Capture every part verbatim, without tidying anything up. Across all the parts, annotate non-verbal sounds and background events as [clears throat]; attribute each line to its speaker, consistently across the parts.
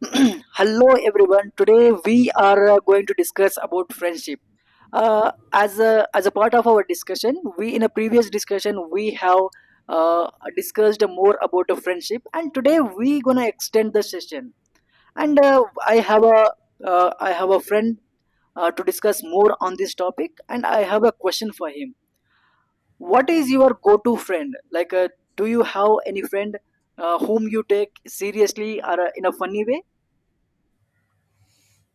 Speaker 1: [clears throat] Hello everyone, today we are uh, going to discuss about friendship. uh, as a as a part of our discussion, we in a previous discussion we have uh, discussed more about the friendship, and today we gonna extend the session. And uh, i have a uh, I have a friend uh, to discuss more on this topic, and I have a question for him. What is your go-to friend like? Uh, do you have any friend uh, whom you take seriously, or uh, in a funny way?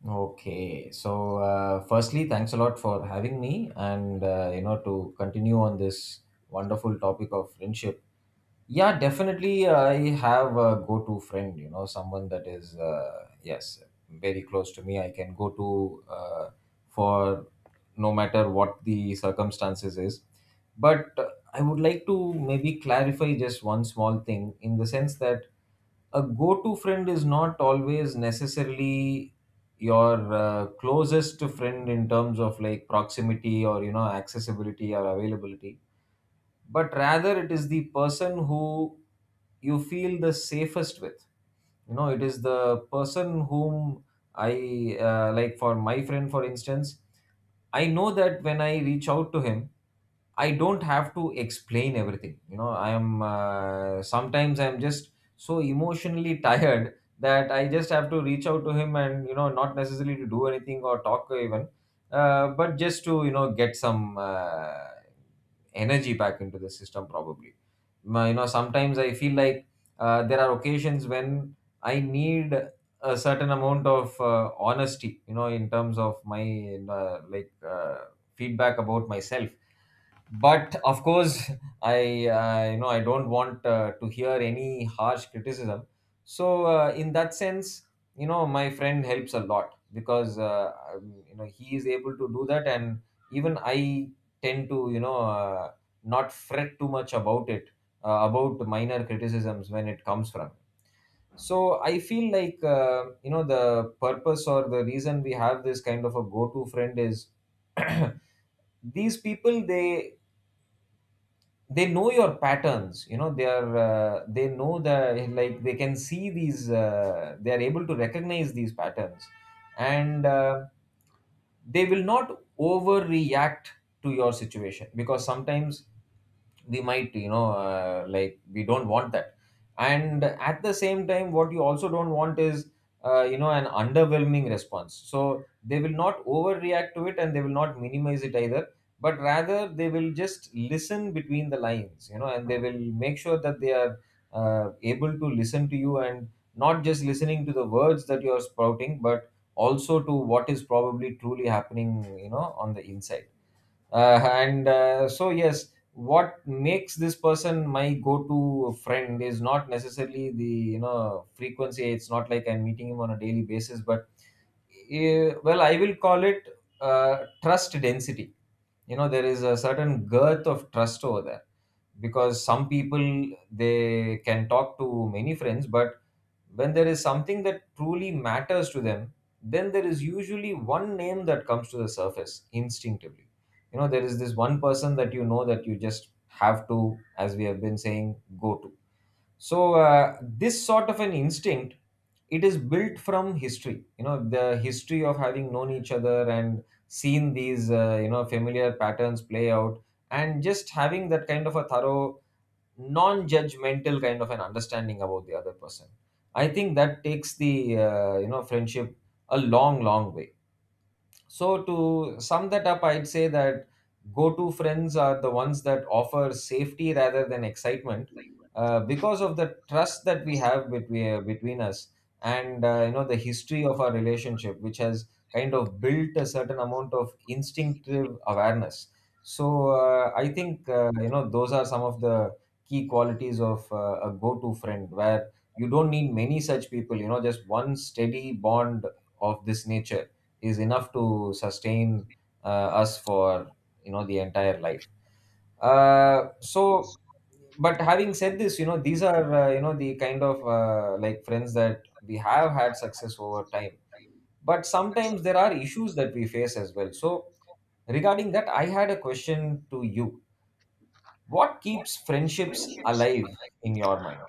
Speaker 2: Okay, so uh, firstly, thanks a lot for having me, and uh, you know to continue on this wonderful topic of friendship. Yeah, definitely, I have a go-to friend. You know, someone that is uh, yes, very close to me. I can go to uh, for no matter what the circumstances is. But I would like to maybe clarify just one small thing in the sense that a go to friend is not always necessarily your uh, closest friend in terms of like proximity or you know accessibility or availability, but rather it is the person who you feel the safest with. You know, it is the person whom i uh, like for my friend for instance, I know that when I reach out to him I don't have to explain everything. You know, I am uh, sometimes I'm just so emotionally [laughs] tired that I just have to reach out to him and you know not necessarily to do anything or talk even, uh, but just to you know get some uh, energy back into the system probably. My- You know, sometimes I feel like uh, there are occasions when I need a certain amount of uh, honesty. You know, in terms of my uh, like uh, feedback about myself, but of course i uh, you know I don't want uh, to hear any harsh criticism. So uh, in that sense, you know my friend helps a lot because uh, um, you know he is able to do that, and even I tend to you know uh, not fret too much about it, uh, about minor criticisms when it comes from. So I feel like uh, you know the purpose or the reason we have this kind of a go to friend is [clears throat] these people, they they know your patterns. You know, they are uh, they know the like they can see these uh, they are able to recognize these patterns, and uh, they will not overreact to your situation because sometimes we might you know uh, like we don't want that, and at the same time what you also don't want is uh, you know an underwhelming response. So they will not overreact to it and they will not minimize it either, but rather they will just listen between the lines, you know, and they will make sure that they are uh, able to listen to you, and not just listening to the words that you are spouting but also to what is probably truly happening, you know, on the inside. Uh, and uh, so yes, what makes this person my go-to friend is not necessarily the you know frequency. It's not like I'm meeting him on a daily basis, but eh, well, I will call it uh, trust density. You know, there is a certain girth of trust over there because some people they can talk to many friends, but when there is something that truly matters to them, then there is usually one name that comes to the surface instinctively. You know, there is this one person that you know that you just have to, as we have been saying, go to. So, uh, this sort of an instinct, it is built from history. You know, the history of having known each other and seen these uh, you know familiar patterns play out, and just having that kind of a thorough non-judgmental kind of an understanding about the other person, I think that takes the uh, you know friendship a long, long way. So to sum that up, I'd say that go-to friends are the ones that offer safety rather than excitement, uh, because of the trust that we have between between us, and uh, you know the history of our relationship, which has kind of built a certain amount of instinctive awareness. So uh, I think uh, you know those are some of the key qualities of uh, a go-to friend, where you don't need many such people. You know, just one steady bond of this nature is enough to sustain uh, us for you know the entire life. Uh, so but having said this, you know these are uh, you know the kind of uh, like friends that we have had success over time, but sometimes there are issues that we face as well. So regarding that, I had a question to you. What keeps friendships alive in your mind?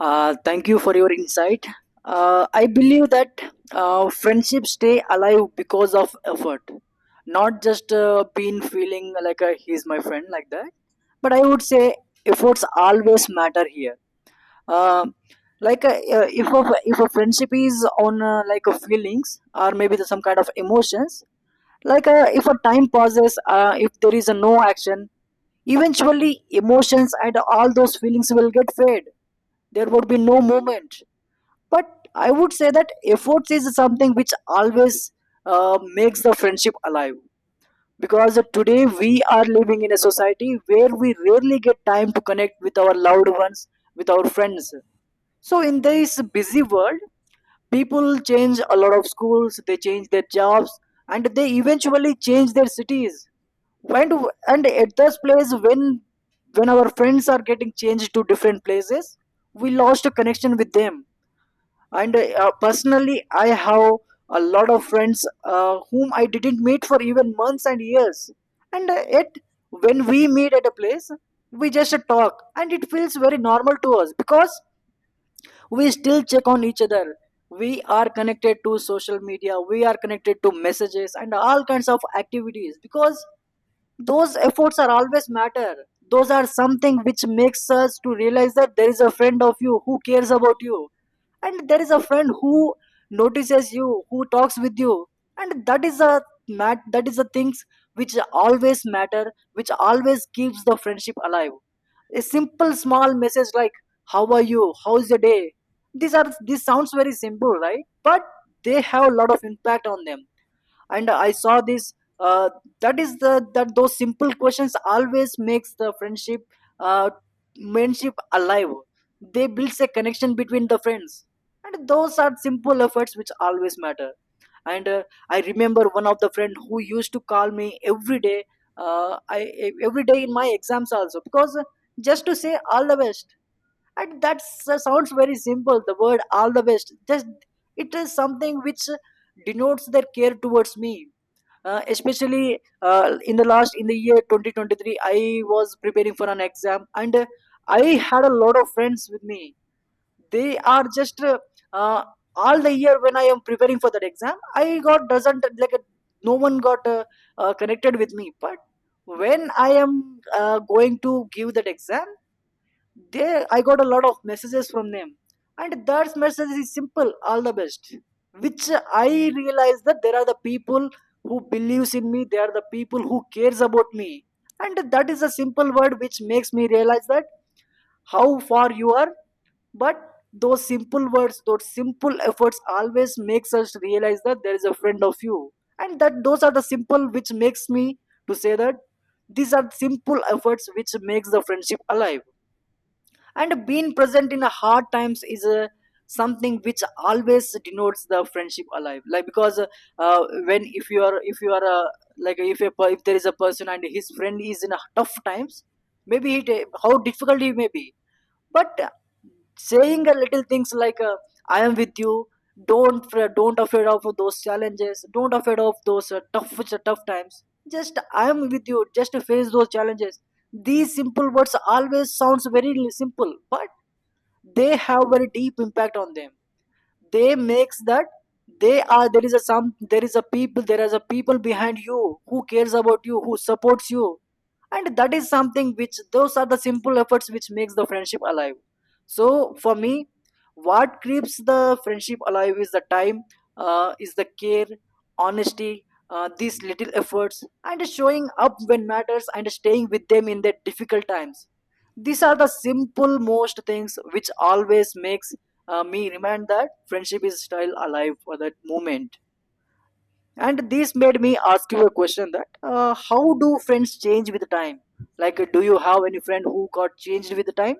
Speaker 1: Uh, thank you for your insight. Uh, I believe that uh, friendships stay alive because of effort, not just uh, being feeling like uh, he's my friend like that. But I would say efforts always matter here. Uh, like uh, uh, if a, if a friendship is on uh, like uh, feelings, or maybe the- some kind of emotions, like, uh, if a time passes, uh, if there is a no action, eventually emotions and all those feelings will get fade. There would be no movement, but I would say that efforts is something which always uh, makes the friendship alive, because today we are living in a society where we rarely get time to connect with our loved ones, with our friends. So in this busy world, people change a lot of schools, they change their jobs, and they eventually change their cities. And and at this place, when when our friends are getting changed to different places, we lost a connection with them. And uh, personally I have a lot of friends uh, whom I didn't meet for even months and years, and uh, yet when we meet at a place, we just talk and it feels very normal to us, because we still check on each other. We are connected to social media, we are connected to messages and all kinds of activities, because those efforts are always matter. Those are something which makes us to realize that there is a friend of you who cares about you, and there is a friend who notices you, who talks with you. And that is a mat that is the things which always matter, which always keeps the friendship alive. A simple small message like how are you, how's your day, these are, these sounds very simple, right? But they have a lot of impact on them. And I saw this, uh, that is the, that those simple questions always makes the friendship uh, friendship alive. They builds a connection between the friends, and those are simple efforts which always matter. And uh, I remember one of the friend who used to call me every day, uh, I, e- every day in my exams also, because uh, just to say all the best. And that s- sounds very simple, the word all the best, just it is something which denotes their care towards me. Uh, especially uh, in the last, in the year twenty twenty-three, I was preparing for an exam, and uh, I had a lot of friends with me. They are just uh, uh, all the year when I am preparing for that exam, I got doesn't like uh, no one got uh, uh, connected with me. But when I am uh, going to give that exam, they, I got a lot of messages from them, and that message is simple, all the best. Which I realize that there are the people who believes in me, they are the people who cares about me. And that is a simple word which makes me realize that how far you are, but those simple words, those simple efforts always makes us realize that there is a friend of you. And that those are the simple which makes me to say that these are simple efforts which makes the friendship alive. And being present in the hard times is uh, something which always denotes the friendship alive, like because uh, uh, when if you are, if you are uh, like if a, per- if there is a person and his friend is in a tough times, maybe he ta- how difficult he may be, but uh, saying a little things like, uh, I am with you, don't fr- don't afraid of those challenges, don't afraid of those uh, tough tough times, just I am with you, just face those challenges. These simple words always sounds very li- simple, but they have very deep impact on them. They makes that they are, there is a some, there is a people, there is a people behind you who cares about you, who supports you. And that is something which, those are the simple efforts which makes the friendship alive. So for me, what keeps the friendship alive is the time, uh, is the care, honesty, uh, these little efforts, and showing up when matters, and staying with them in their difficult times. These are the simple most things which always makes uh, me remind that friendship is still alive for that moment. And this made me ask you a question that, uh, how do friends change with time? Like, uh, do you have any friend who got changed with the time?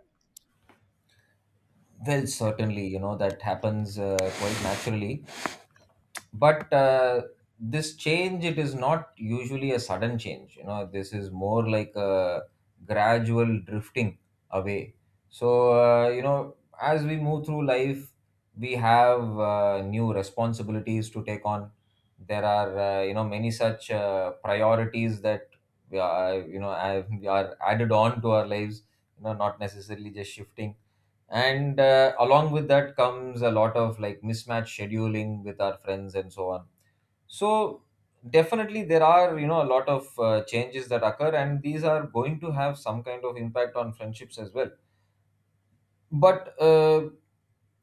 Speaker 2: Well, certainly you know that happens uh, quite naturally, but uh, this change, it is not usually a sudden change. You know, this is more like a gradual drifting away. So uh, you know as we move through life we have uh, new responsibilities to take on. There are uh, you know many such uh, priorities that we are, you know I, we are added on to our lives, you know, not necessarily just shifting. And uh, along with that comes a lot of like mismatch scheduling with our friends and so on. So definitely there are you know a lot of uh, changes that occur, and these are going to have some kind of impact on friendships as well. But uh,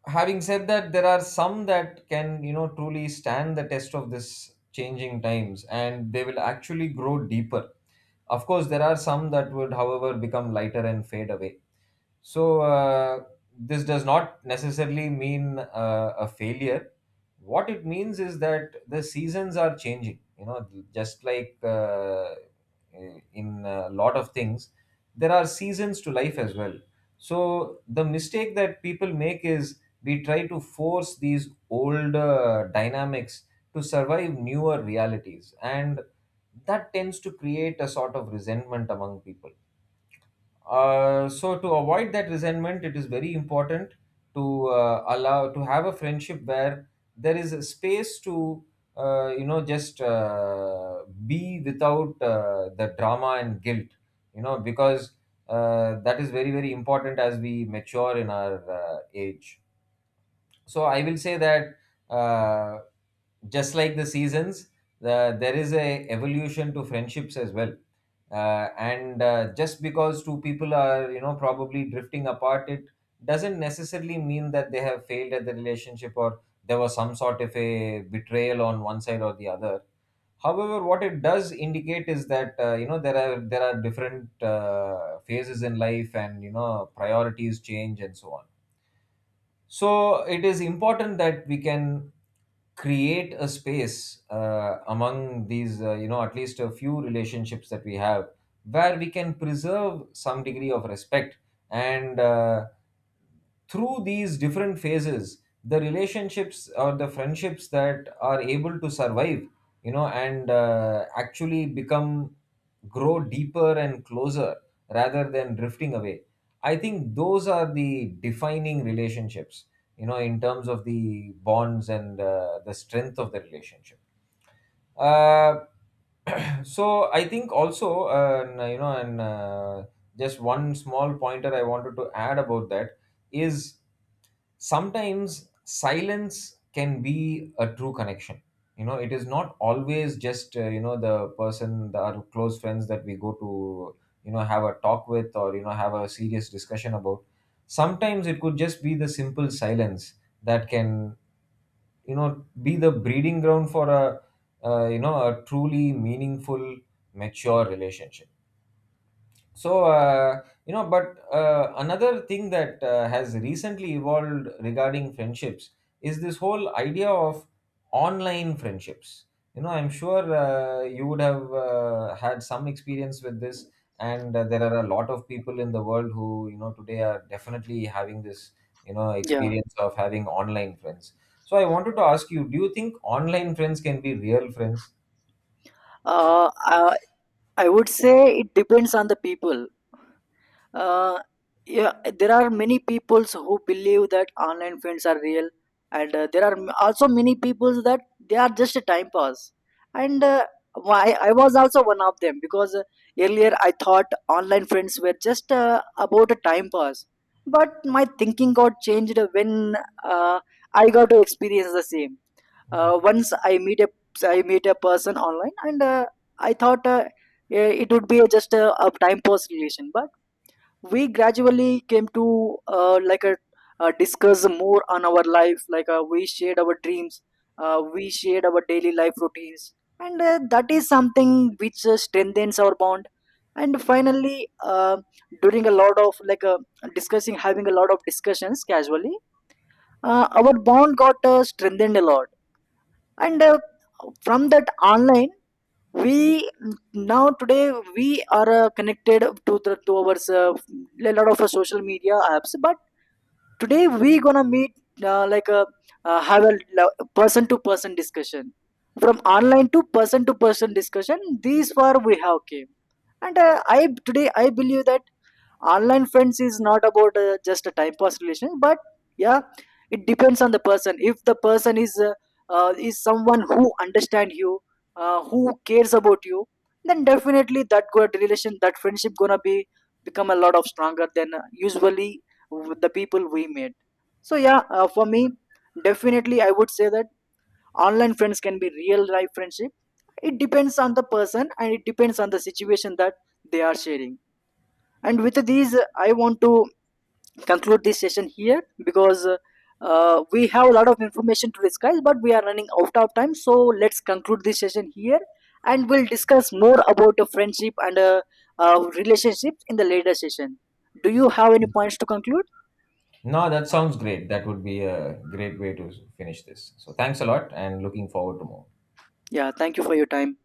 Speaker 2: having said that, there are some that can you know truly stand the test of this changing times, and they will actually grow deeper. Of course, there are some that would however become lighter and fade away. So uh, this does not necessarily mean uh, a failure. What it means is that the seasons are changing. You know, just like uh, in a lot of things, there are seasons to life as well. So the mistake that people make is we try to force these old uh, dynamics to survive newer realities, and that tends to create a sort of resentment among people. Uh, so to avoid that resentment, it is very important to uh, allow to have a friendship where there is a space to uh, you know just uh, be without uh, the drama and guilt, you know, because uh, that is very, very important as we mature in our uh, age. So I will say that uh, just like the seasons, the, there is a evolution to friendships as well. Uh, and uh, just because two people are you know probably drifting apart, it doesn't necessarily mean that they have failed at the relationship, or there was some sort of a betrayal on one side or the other. However, what it does indicate is that uh, you know there are there are different uh, phases in life, and you know priorities change and so on. So it is important that we can create a space uh, among these, uh, you know, at least a few relationships that we have, where we can preserve some degree of respect. And uh, through these different phases, the relationships or the friendships that are able to survive, you know, and uh, actually become grow deeper and closer rather than drifting away. I think those are the defining relationships, you know, in terms of the bonds and uh, the strength of the relationship. Uh, [clears throat] so I think also, uh, and, you know, and uh, just one small pointer I wanted to add about that is sometimes silence can be a true connection. You know, it is not always just uh, you know the person the our close friends that we go to, you know, have a talk with or you know have a serious discussion about. Sometimes it could just be the simple silence that can you know be the breeding ground for a uh, you know a truly meaningful mature relationship. So, uh, you know, but uh, another thing that uh, has recently evolved regarding friendships is this whole idea of online friendships. You know, I'm sure uh, you would have uh, had some experience with this, and uh, there are a lot of people in the world who, you know, today are definitely having this, you know,
Speaker 1: Yeah.
Speaker 2: experience of having online friends. So, I wanted to ask you, do you think online friends can be real friends?
Speaker 1: Uh, uh, I would say it depends on the people. uh, yeah, there are many peoples who believe that online friends are real, and uh, there are m- also many peoples that they are just a time pass. And uh, why, I was also one of them, because uh, earlier I thought online friends were just uh, about a time pass. But my thinking got changed when uh, I got to experience the same. Uh, once I meet a I meet a person online, and uh, I thought uh, eh, it would be just a, a time pass relation. But we gradually came to uh, like a uh, discuss more on our life, like uh, we shared our dreams, uh, we shared our daily life routines. And uh, that is something which uh, strengthens our bond. And finally uh, during a lot of like uh, discussing, having a lot of discussions casually, uh, our bond got uh, strengthened a lot. And uh, from that online, we, now today we are uh, connected to the to our uh, a lot of uh, social media apps. But today we gonna meet uh, like a uh, have a person to person discussion. From online to person to person discussion, these far we have came. And uh, I, today I believe that online friends is not about uh, just a type of relation, but yeah, it depends on the person. If the person is uh, uh, is someone who understand you, uh, who cares about you, then definitely that good relation, that friendship gonna be become a lot of stronger than uh, usually with the people we meet. So yeah, uh, for me, definitely I would say that online friends can be real life friendship. It depends on the person, and it depends on the situation that they are sharing. And with these, uh, I want to conclude this session here, because uh, uh, we have a lot of information to discuss, but we are running out of time. So let's conclude this session here, and we'll discuss more about uh, friendship and uh, uh, relationships in the later session. Do you have any points to conclude?
Speaker 2: No, that sounds great. That would be a great way to finish this. So thanks a lot and looking forward to more.
Speaker 1: Yeah, thank you for your time.